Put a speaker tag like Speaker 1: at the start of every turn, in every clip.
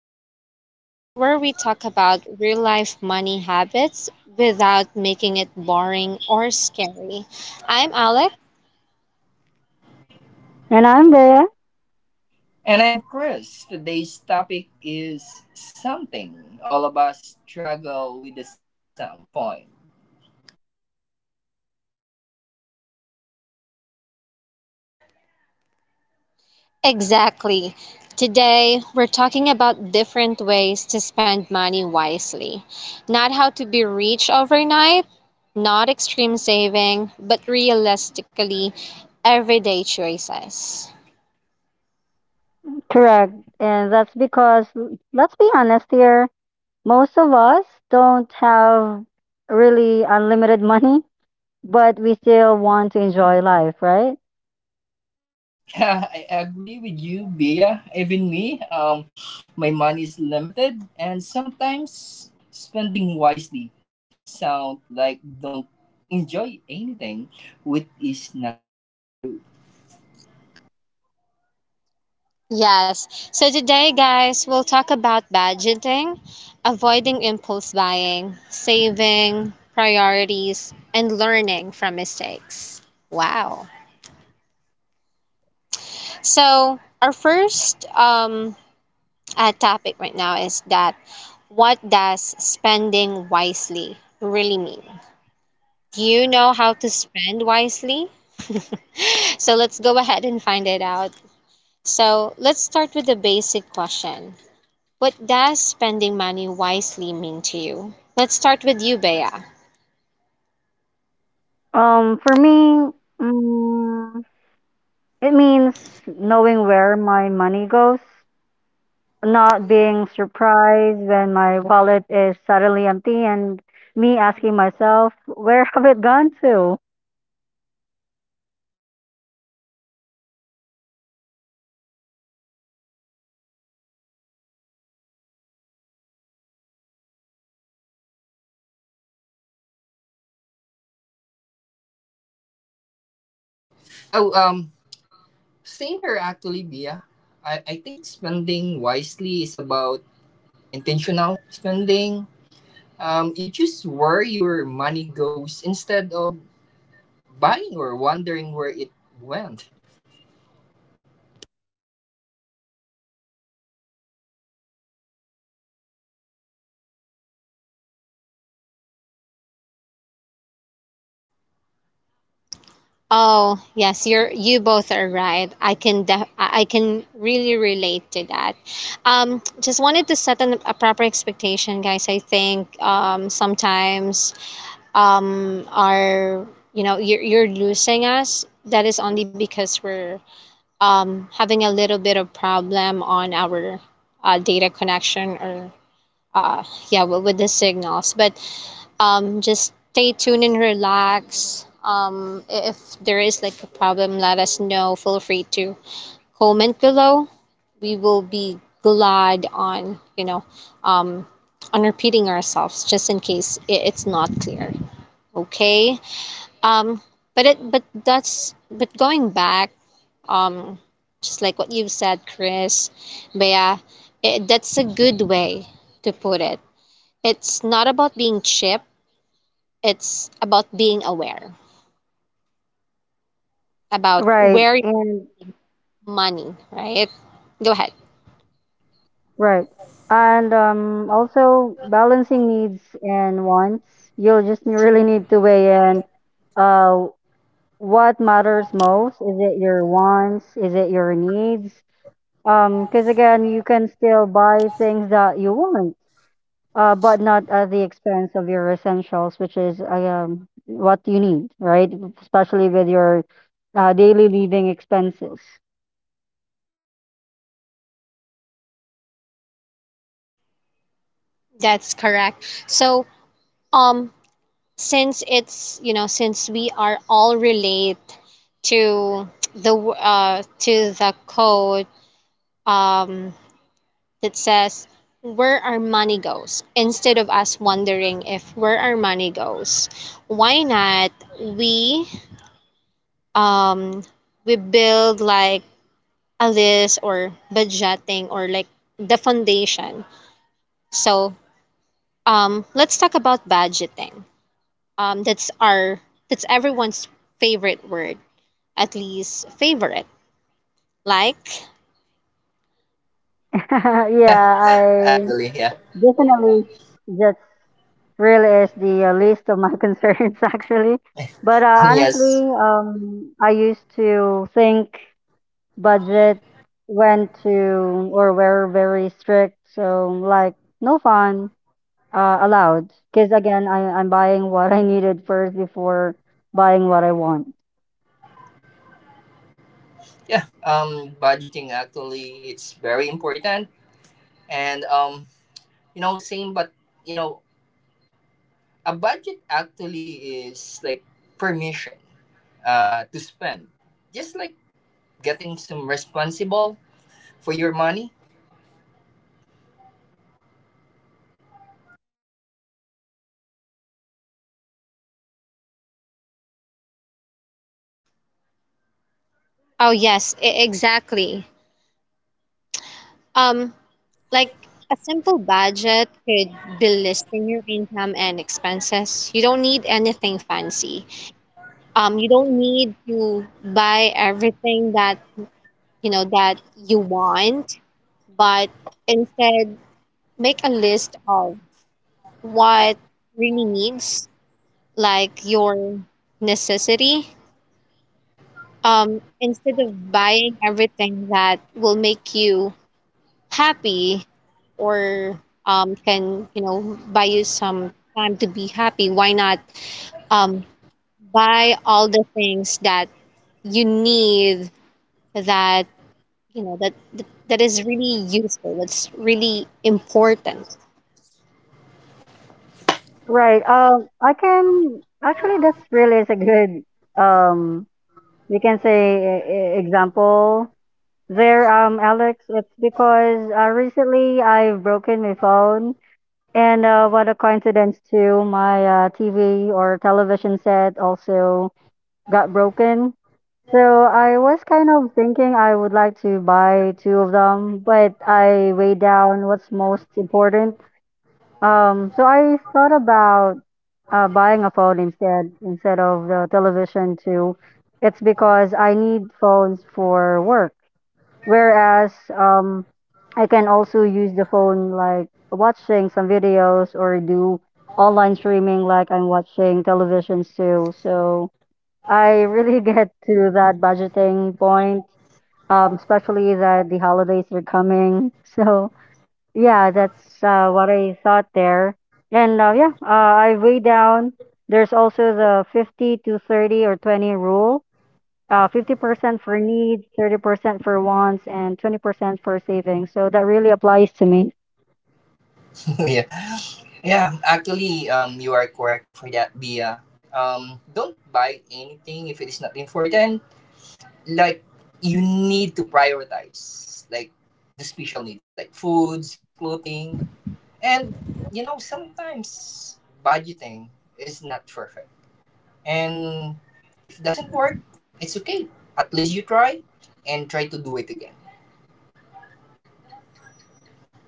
Speaker 1: the podcast where we talk about real life money habits without making it boring or scary. I'm Alec.
Speaker 2: And I'm Bea.
Speaker 3: And I'm Chris. Today's topic is something all of us struggle with at some point.
Speaker 1: Exactly. Today, we're talking about different ways to spend money wisely. Not how to be rich overnight, not extreme saving, but realistically, everyday choices.
Speaker 2: Correct. And that's because, let's be honest here, most of us don't have really unlimited money, but we still want to enjoy life, right?
Speaker 3: I agree with you, Bia. Even me, my money is limited, and sometimes spending wisely sound like don't enjoy anything, which is not true.
Speaker 1: Yes. So today, guys, we'll talk about budgeting, avoiding impulse buying, saving, priorities, and learning from mistakes. Wow. So, our first topic right now is that what does spending wisely really mean? Do you know how to spend wisely? So let's go ahead and find it out. So let's start with the basic question. What does spending money wisely mean to you? Let's start with you, Bea.
Speaker 2: For me, mm, it means knowing where my money goes, not being surprised when my wallet is suddenly empty and me asking myself, where have it gone to?
Speaker 3: Oh, um, same here actually, Bia. I think spending wisely is about intentional spending. You choose where your money goes instead of buying or wondering where it went.
Speaker 1: Oh, yes, you both are right. I can I can really relate to that. Just wanted to set a proper expectation, guys. I think, sometimes, are you know, you're losing us. That is only because we're, having a little bit of problem on our, data connection or, uh, yeah, with the signals. But, just stay tuned and relax. If there is like a problem, let us know. Feel free to comment below. We will be glad on um, on repeating ourselves just in case it's not clear. Okay. Um, but that's but going back, um, just like what you've said, Chris. But yeah, I that's a good way to put it. It's not about being cheap, it's about being aware about
Speaker 2: Right.
Speaker 1: where your
Speaker 2: And
Speaker 1: money, right? Go ahead.
Speaker 2: right. And also balancing needs and wants. You'll just really need to weigh in uh, what matters most. Is it your wants? Is it your needs? Because again, you can still buy things that you want, but not at the expense of your essentials, which is what you need, right? Especially with your daily living expenses.
Speaker 1: That's correct. So, um, since since we are all relate to the to the code, um that says where our money goes instead of us wondering if where our money goes, why not we, um we build like Alice or budgeting or like the foundation. So, let's talk about budgeting. That's our that's everyone's favorite word, at least favorite. Like,
Speaker 3: Yeah,
Speaker 2: Yeah,
Speaker 3: actually,
Speaker 2: I.
Speaker 3: yeah,
Speaker 2: Definitely, that's really is the least of my concerns actually. But
Speaker 3: yes,
Speaker 2: honestly, I used to think budget went to or were very strict, so like no fun allowed. Because again, I'm buying what I needed first before buying what I want.
Speaker 3: yeah. Budgeting actually it's very important, and same, but you know, a budget actually is like permission, to spend, just like getting some responsible for your money.
Speaker 1: oh yes, exactly. Um, like a simple budget could be listing your income and expenses. You don't need anything fancy. You don't need to buy everything that you know that you want, but instead, make a list of what really needs, like your necessity, instead of buying everything that will make you happy or, can you know buy you some time to be happy. Why not, um, buy all the things that you need that you know that is really useful. That's really important.
Speaker 2: Right. I can actually that's really is a good um we can say example there, Alex, it's because recently I've broken my phone, and what a coincidence too. My TV or television set also got broken. So I was kind of thinking I would like to buy two of them, but I weighed down what's most important. So I thought about buying a phone instead of the television too. It's because I need phones for work. Whereas I can also use the phone like watching some videos or do online streaming like I'm watching televisions too. So I really get to that budgeting point, especially that the holidays are coming. So yeah, that's what I thought there. And yeah, I weigh down. There's also the 50 to 30 or 20 rule, 50% for needs, 30% for wants, and 20% for savings. So that really applies to me.
Speaker 3: Yeah. Yeah, actually, you are correct for that, Bia. Don't buy anything if it is not important. Like, you need to prioritize, like, the special needs, like foods, clothing, and, sometimes budgeting is not perfect. And if it doesn't work, it's okay. At least you try and try to do it again.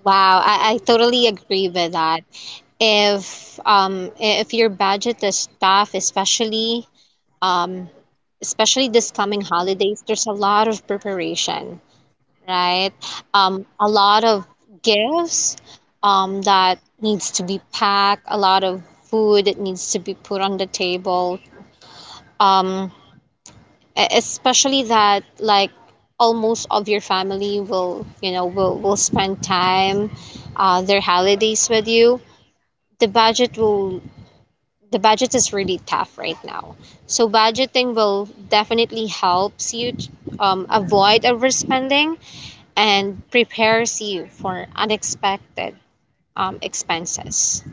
Speaker 1: Wow, I totally agree with that. If, your budget is tough, especially, um especially this coming holidays, there's a lot of preparation, right, a lot of gifts, that needs to be packed, a lot of food that needs to be put on the table, um especially that like almost of your family will you know will spend time, their holidays with you, the budget will, the budget is really tough right now. So budgeting will definitely helps you, avoid overspending and prepares you for unexpected, expenses.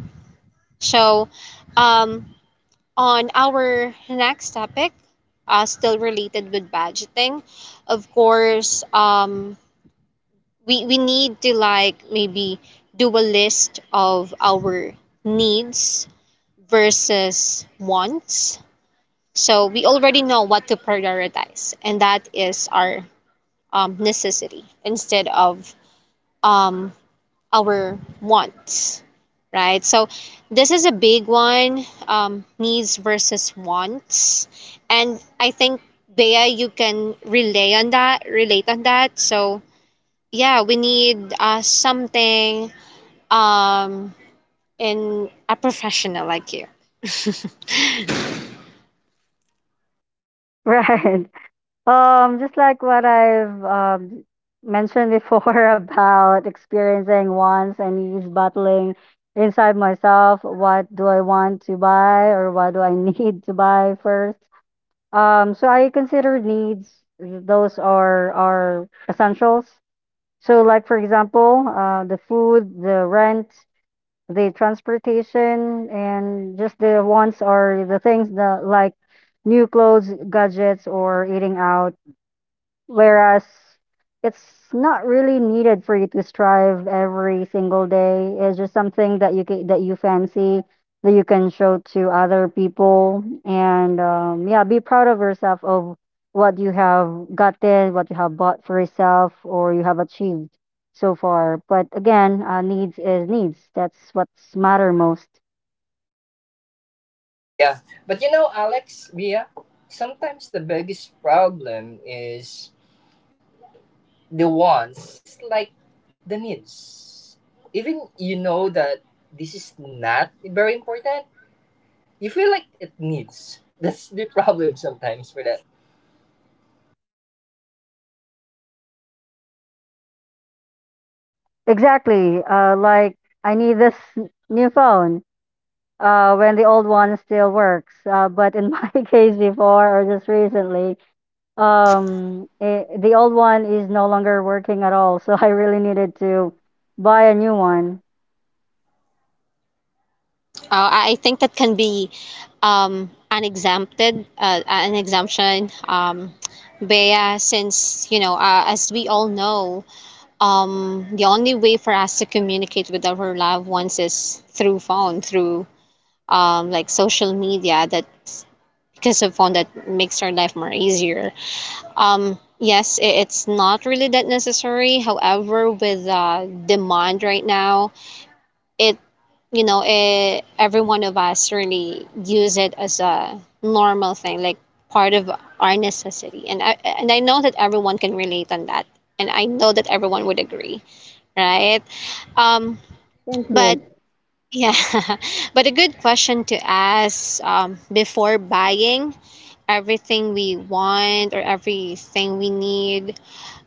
Speaker 1: So, um, on our next topic, still related with budgeting, of course, we need to like maybe do a list of our needs versus wants. So we already know what to prioritize, and that is our, necessity instead of, um, our wants, right? So this is a big one, needs versus wants. And I think, Bea, you can relay on relate on that. So, yeah, we need, something, um, in a professional like you.
Speaker 2: Right. Just like what I've mentioned before about experiencing wants and needs battling inside myself. What do I want to buy or what do I need to buy first? So I consider needs, those are essentials. So, like for example, the food, the rent, the transportation and just the wants or the things that like new clothes, gadgets, or eating out. Whereas it's not really needed for you to strive every single day. It's just something that that you fancy that you can show to other people and yeah, be proud of yourself of what you have gotten, what you have bought for yourself, or you have achieved so far. But again, needs is needs. That's what's matter most.
Speaker 3: Yeah, but you know, Alex, Bia, sometimes the biggest problem is the wants. It's like the needs. Even you know that this is not very important, you feel like it needs. That's the problem sometimes for that.
Speaker 2: Exactly. Like I need this new phone. Uh, when the old one still works. But in my case before or just recently, I the old one is no longer working at all. So I really needed to buy a new one.
Speaker 1: I think that can be, an exempted an exemption, Bea, since you know, as we all know, the only way for us to communicate with our loved ones is through phone, through, like social media. That's because of phone that makes our life more easier. Yes, it's not really that necessary. However, with, demand right now, it, you know, eh, every one of us really use it as a normal thing, like part of our necessity, and I know that everyone can relate on that, and I know that everyone would agree, right? Um, but yeah, but a good question to ask, before buying everything we want or everything we need,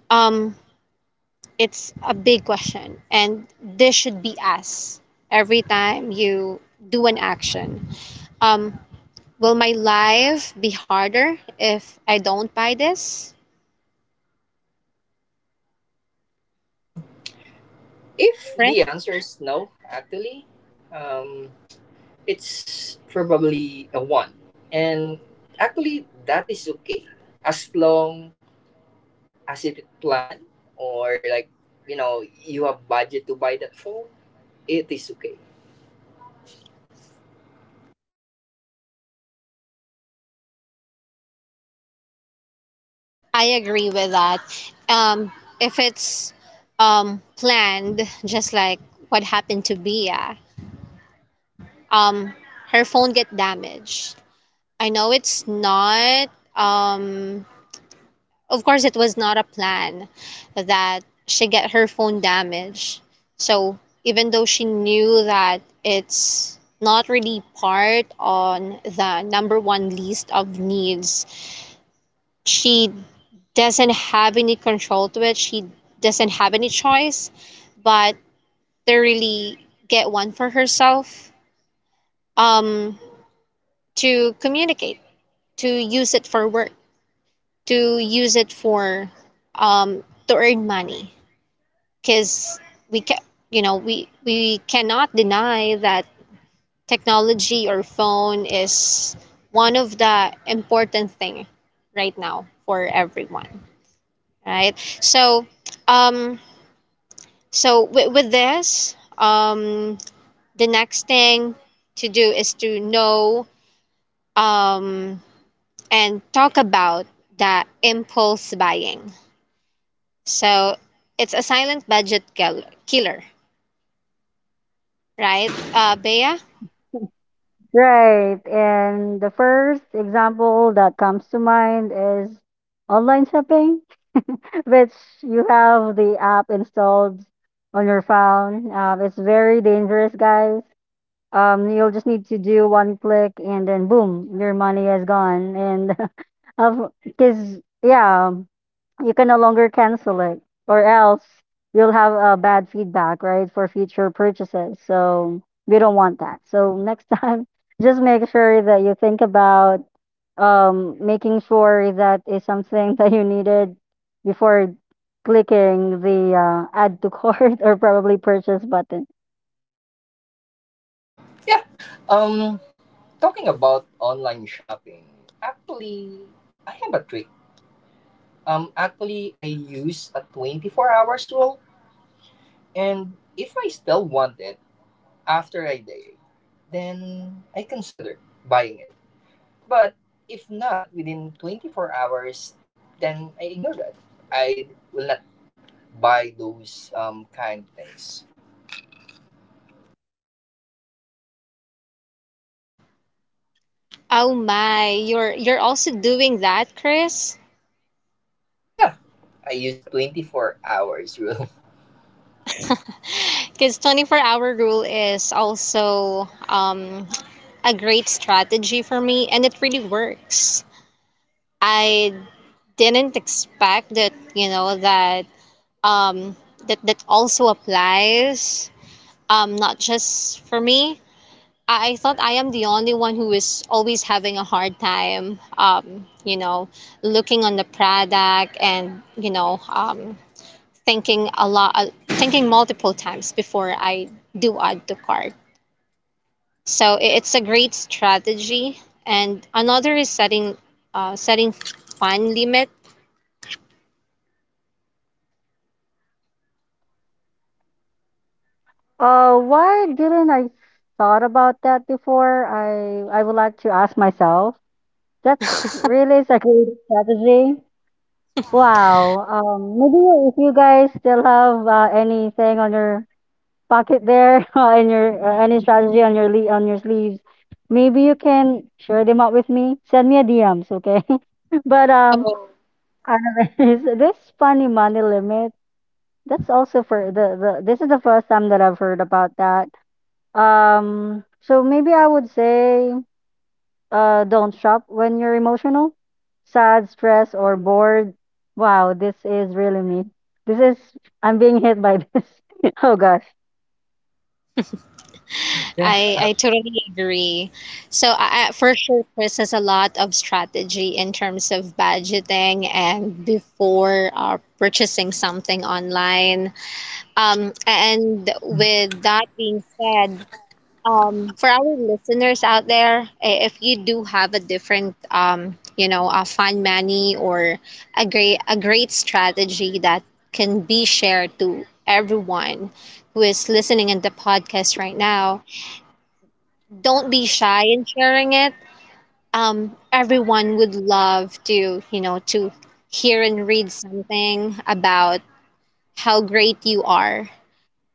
Speaker 1: um, it's a big question, and this should be asked every time you do an action. Um, will my life be harder if I don't buy this?
Speaker 3: If
Speaker 1: Right?
Speaker 3: the answer is no, actually, um, it's probably a one. And actually, that is okay as long as it plan or like you have budget to buy that phone. It is okay.
Speaker 1: I agree with that. Um, if it's, planned, just like what happened to Bia, um, her phone get damaged. I know it's not, um, of course it was not a plan that she get her phone damaged, so even though she knew that it's not really part on the number one list of needs, she doesn't have any control to it, she doesn't have any choice but to really get one for herself, um, to communicate, to use it for work, to use it for, um, to earn money, because we can you know we cannot deny that technology or phone is one of the important thing right now for everyone, right? So, um, so with this um, the next thing to do is to know, um, and talk about the impulse buying. So it's a silent killer, right, uh, Bea?
Speaker 2: Right. And the first example that comes to mind is online shopping, which you have the app installed on your phone. It's very dangerous, guys. You'll just need to do one click and then boom, your money is gone. And of because, yeah, you can no longer cancel it, or else you'll have a bad feedback, right, for future purchases. So we don't want that. So next time, just make sure that you think about making sure that is something that you needed before clicking the add to cart, or probably purchase button.
Speaker 3: Yeah. Um. Talking about online shopping, actually, I have a trick. Actually, I use a 24 hours rule, and if I still want it after a day, then I consider buying it. But if not within 24 hours, then I ignore that. I will not buy those kind of things.
Speaker 1: Oh my, you're also doing that, Chris?
Speaker 3: Yeah, I use 24 hours rule.
Speaker 1: Because 24-hour rule is also, a great strategy for me, and it really works. I didn't expect that, you know, that, um, that that also applies, not just for me. I thought I am the only one who is always having a hard time, you know, looking on the product and you know. Thinking a lot, thinking multiple times before I do add the card, so it's a great strategy, and another is setting, setting fun limit.
Speaker 2: Why didn't I thought about that before? I would like to ask myself. That's really is a great strategy. Wow. Maybe if you guys still have anything on your pocket there, in your any strategy on your le on your sleeves, maybe you can share them out with me. Send me a DMs, okay? But
Speaker 1: Oh,
Speaker 2: anyways, this funny money limit. That's also for the this is the first time that I've heard about that, so maybe I would say, don't shop when you're emotional, sad, stressed, or bored. Wow, this is really me. This is, I'm being hit by this. Oh gosh.
Speaker 3: Yeah.
Speaker 1: I totally agree, so for sure Chris has a lot of strategy in terms of budgeting and before, purchasing something online, um, and with that being said, for our listeners out there, if you do have a different, you know, a fund money or a great strategy that can be shared to everyone who is listening in the podcast right now, don't be shy in sharing it. Everyone would love to, you know, to hear and read something about how great you are,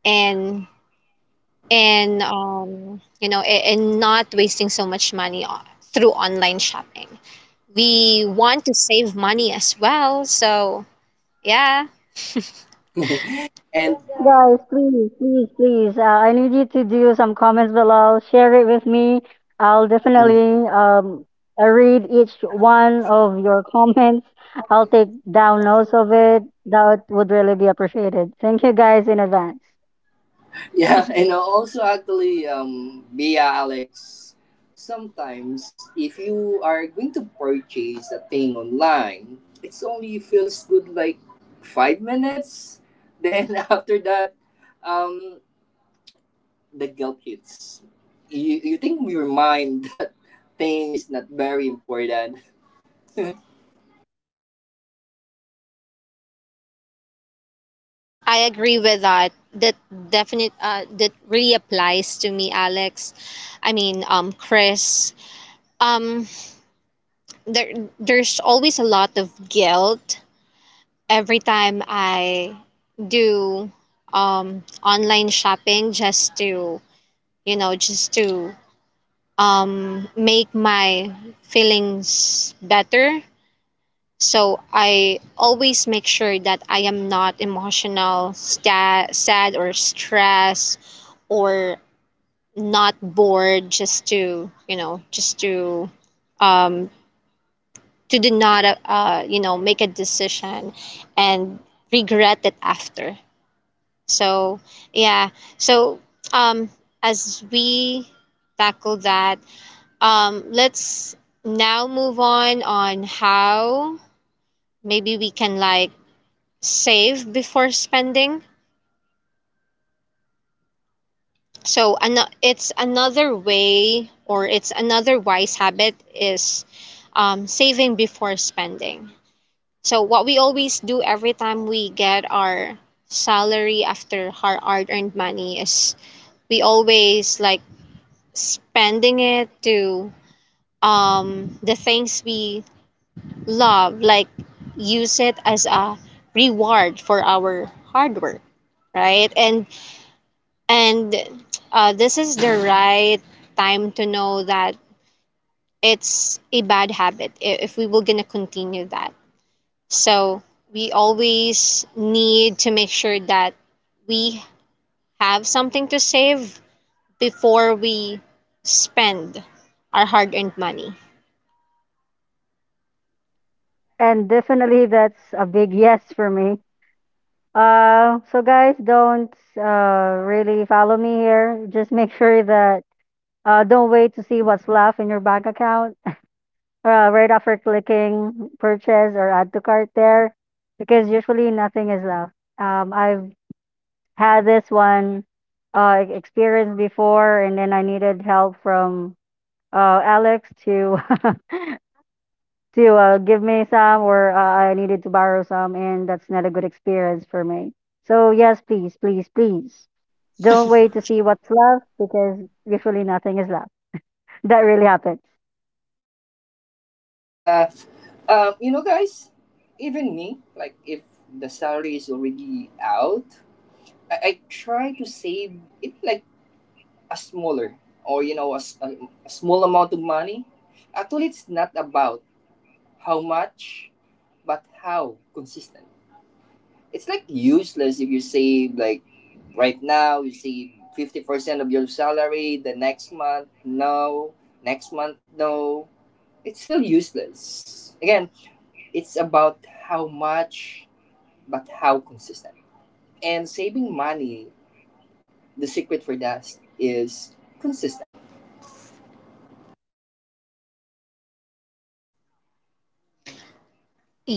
Speaker 1: and and you know and not wasting so much money through online shopping, we want to save money as well, so yeah.
Speaker 3: and
Speaker 2: Yes, guys, please, please, please. I need you to do some comments below. Share it with me. I'll definitely I read each one of your comments. I'll take down notes of it. That would really be appreciated. Thank you guys in advance.
Speaker 3: Yeah, and also actually, Bea Alex, sometimes if you are going to purchase a thing online, it's only feels good like 5 minutes. Then after that, um, the guilt hits. You think in your mind that thing is not very important.
Speaker 1: I agree with that definite, that really applies to me, alex I mean Chris. Um, there, there's always a lot of guilt every time I do, um, online shopping just to you know just to, make my feelings better. So I always make sure that I am not emotional, sad, or stressed, or not bored. Just to you know, just to, um, to do not, you know, make a decision and regret it after. So yeah, so, um, as we tackle that, um, let's now move on how maybe we can like save before spending. So it's another way, or it's another wise habit is, saving before spending. So what we always do every time we get our salary after our hard-earned money is we always like spending it to, the things we love, like use it as a reward for our hard work, right? And, this is the right time to know that it's a bad habit, if we were gonna continue that. So we always need to make sure that we have something to save before we spend our hard-earned money.
Speaker 2: And definitely that's a big yes for me. So guys, don't really follow me here. Just make sure that don't wait to see what's left in your bank account, right after clicking purchase or add to cart there, because usually nothing is left. I've had this one experience before, and then I needed help from Alex to to give me some or I needed to borrow some, and that's not a good experience for me. So, yes, please, please, please don't wait to see what's left because usually nothing is left. That really happens.
Speaker 3: Yeah, you know, guys, even me, like if the salary is already out, I try to save it like a smaller or you know a small amount of money. Actually, it's not about how much but how consistent. It's like useless if you save like right now you save 50% of your salary, the next month no, next month no, it's still useless again. It's about how much but how consistent. And saving money, the secret for that is consistent.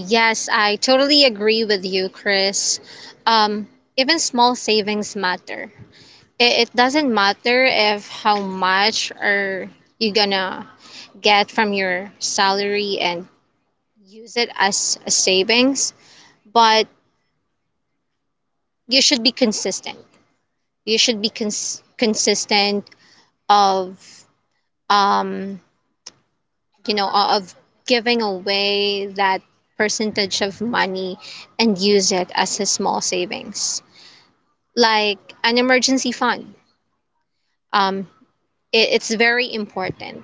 Speaker 1: Yes, I totally agree with you, Chris. Um, even small savings matter. It doesn't matter if how much are you gonna get from your salary and use it as a savings, but you should be consistent. You should be consistent of, um, you know of giving away that percentage of money and use it as a small savings, like an emergency fund. Um, it's very important.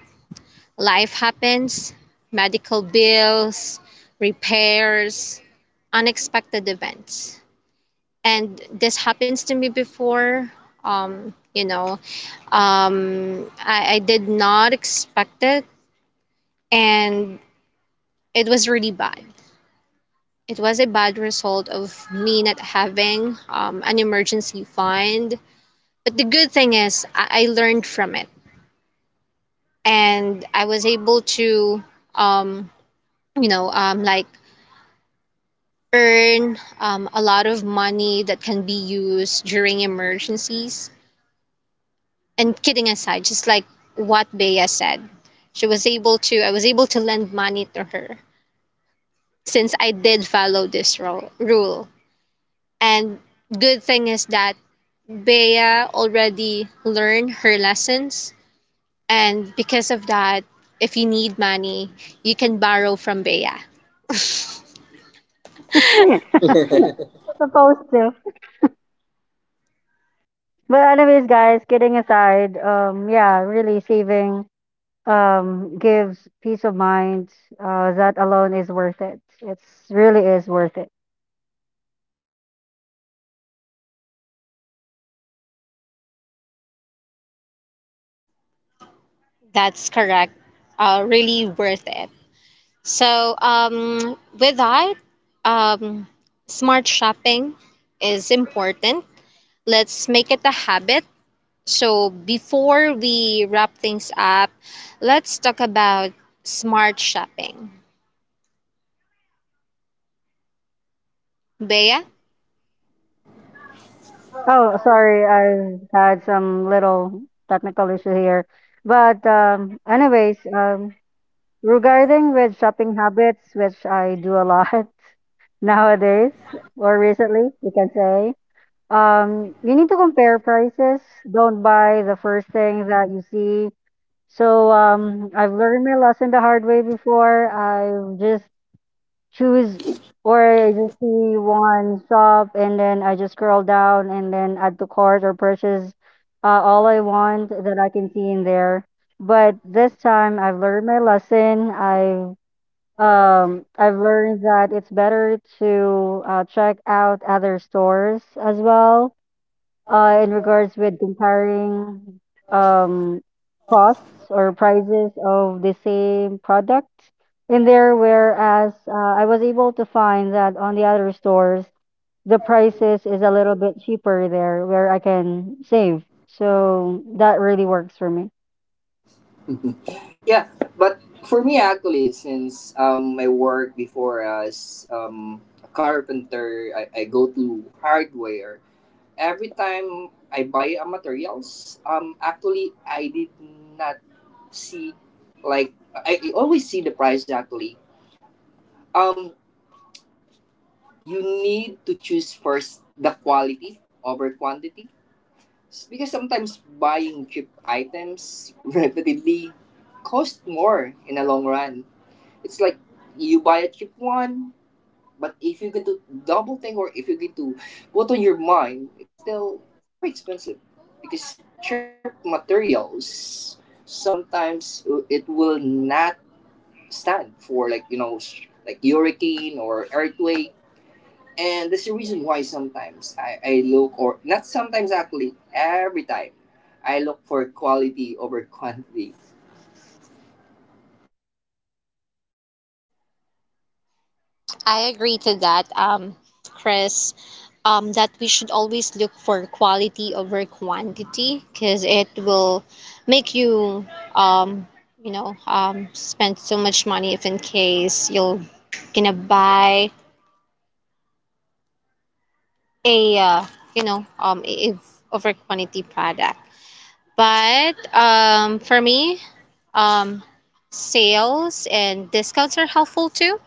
Speaker 1: Life happens, medical bills, repairs, unexpected events. And this happens to me before. You know, I did not expect it, and it was really bad. It was a bad result of me not having, an emergency fund. But the good thing is, I learned from it, and I was able to, um, you know, like earn, a lot of money that can be used during emergencies. And kidding aside, just like what Bea said, she was able to, I was able to lend money to her since I did follow this rule. And good thing is that Bea already learned her lessons. And because of that, if you need money, you can borrow from Bea.
Speaker 2: Supposed to. But anyways, guys, kidding aside, yeah, really saving gives peace of mind. That alone is worth it. It's really is worth it.
Speaker 1: That's correct. Really worth it. So, with that, um, smart shopping is important. Let's make it a habit. So, before we wrap things up, let's talk about smart shopping. Bea?
Speaker 2: Oh, sorry, I had some little technical issue here. But anyways, regarding with shopping habits, which I do a lot nowadays or recently, you can say, you need to compare prices. Don't buy the first thing that you see. So I've learned my lesson the hard way before. I've just choose or you see one shop and then I just scroll down and then add to cart or purchase all I want that I can see in there. But this time I've learned my lesson. I've learned that it's better to check out other stores as well in regards with comparing um, costs or prices of the same products in there, whereas I was able to find that on the other stores the prices is a little bit cheaper there where I can save, so that really works for me.
Speaker 3: Yeah, but for me actually, since my work before as a carpenter, I go to hardware. Every time I buy a materials, actually I did not see like I always see the price actually. Um you need to choose first the quality over quantity. Because sometimes buying cheap items repeatedly cost more in the long run. It's like you buy a cheap one, but if you're going to double think or if you're going to put on your mind, it's still very expensive because cheap materials sometimes it will not stand for like you know like hurricane or earthquake. And that's the reason why sometimes I look, or not sometimes actually every time I look for quality over quantity.
Speaker 1: I agree to that, Chris. That we should always look for quality over quantity because it will make you, um, you know, spend so much money if in case you're gonna buy a, you know, if over quantity product. But, for me, um, sales and discounts are helpful too.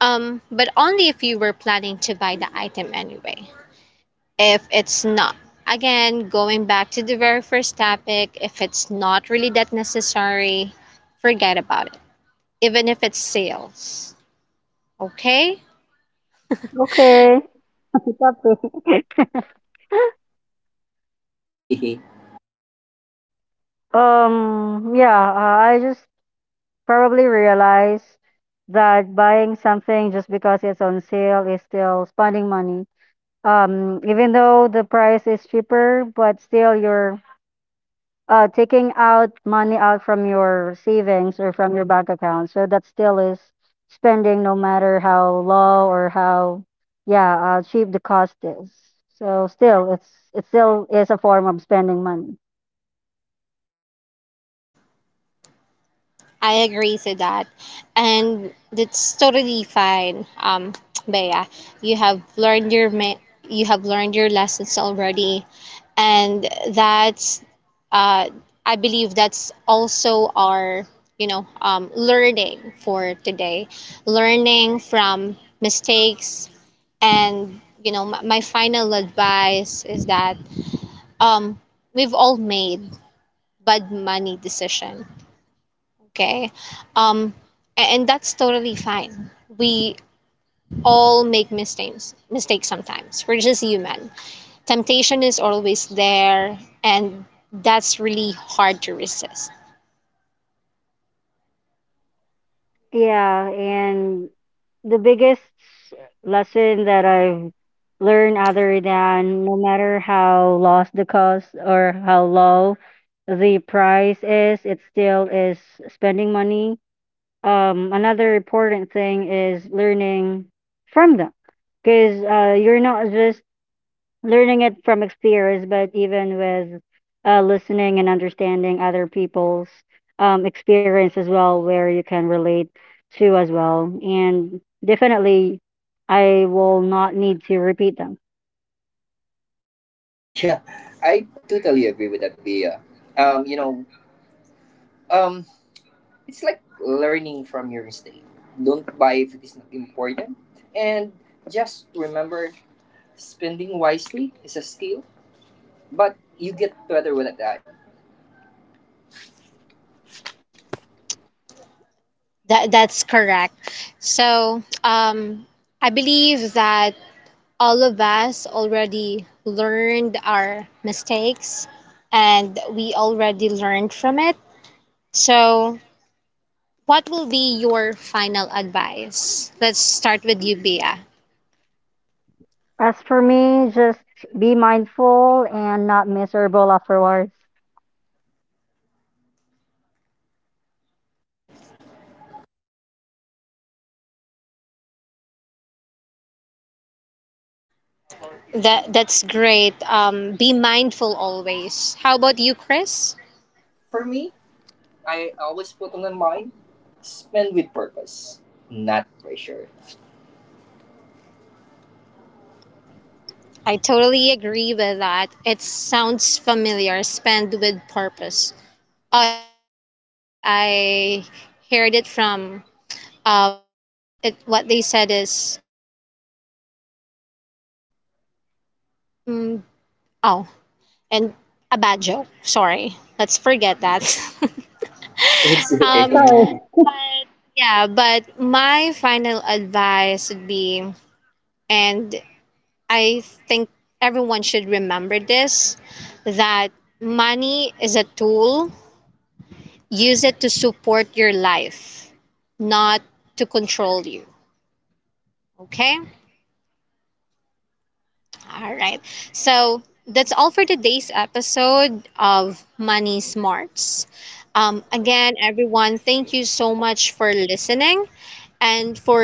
Speaker 1: But only if you were planning to buy the item anyway. If it's not, again going back to the very first topic, if it's not really that necessary, forget about it, even if it's sales. Okay.
Speaker 2: Okay, keep up with-
Speaker 3: Yeah,
Speaker 2: yeah, I just probably realized that buying something just because it's on sale is still spending money. Even though the price is cheaper, but still you're taking out money out from your savings or from your bank account. So that still is spending no matter how low or how, yeah, cheap the cost is. So still, it still is a form of spending money.
Speaker 1: I agree to that. And that's totally fine. Bea, you have learned your lessons already. And that's, uh, I believe that's also our, you know, learning for today. Learning from mistakes, and you know, my final advice is that, um, we've all made bad money decision, okay? Um, and that's totally fine. We all make mistakes, mistakes sometimes. We're just human. Temptation is always there, and that's really hard to resist.
Speaker 2: Yeah, and the biggest lesson that I've learned other than no matter how lost the cost or how low the price is, it still is spending money. Another important thing is learning from them because you're not just learning it from experience, but even with listening and understanding other people's experience as well, where you can relate to as well. And definitely, I will not need to repeat them.
Speaker 3: I totally agree with that, Bea. Um, you know, Um, it's like learning from your mistake. Don't buy if it is not important. And just remember, spending wisely is a skill, but you get better with time.
Speaker 1: That that's correct. So, I believe that all of us already learned our mistakes, and we already learned from it. So, what will be your final advice? Let's start with you, Bea.
Speaker 2: As for me, just be mindful and not miserable afterwards.
Speaker 1: That that's great. Be mindful always. How about you, Chris?
Speaker 3: For me, I always put on my mind, spend with purpose, not pressure.
Speaker 1: I totally agree with that. It sounds familiar. Spend with purpose. Oh, it's my bad. I heard it from, um, it what they said is, uh, mm, oh, and a bad joke. Sorry. Let's forget that.
Speaker 3: It's okay.
Speaker 1: Um,
Speaker 2: So,
Speaker 1: yeah, but my final advice would be, and I think everyone should remember this, that money is a tool. Use it to support your life, not to control you. Okay? All right. So that's all for today's episode of Money Smarts. Again, everyone, thank you so much for listening. And for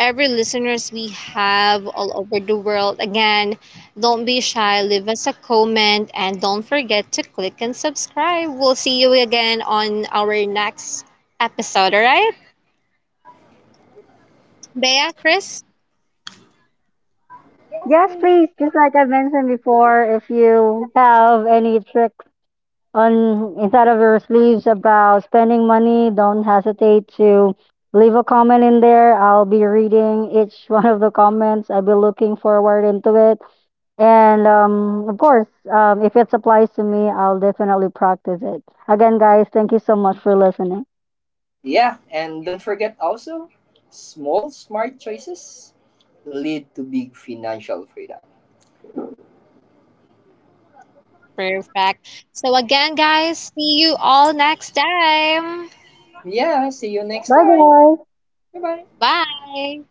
Speaker 1: every listeners we have all over the world, again, don't be shy. Leave us a comment and don't forget to click and subscribe. We'll see you again on our next episode. All right, Bea, Chris,
Speaker 2: yes, please. Just like I mentioned before, if you have any tricks on inside of your sleeves about spending money, don't hesitate to leave a comment in there. I'll be reading each one of the comments. I'll be looking forward into it. And of course, if it applies to me, I'll definitely practice it. Again, guys, thank you so much for listening.
Speaker 3: Yeah, and don't forget also, small smart choices lead to big financial freedom.
Speaker 1: perfect. So again, guys, see you all next time.
Speaker 3: Yeah, see you next
Speaker 2: Bye,
Speaker 3: time.
Speaker 2: guys.
Speaker 3: Bye bye.
Speaker 1: Bye.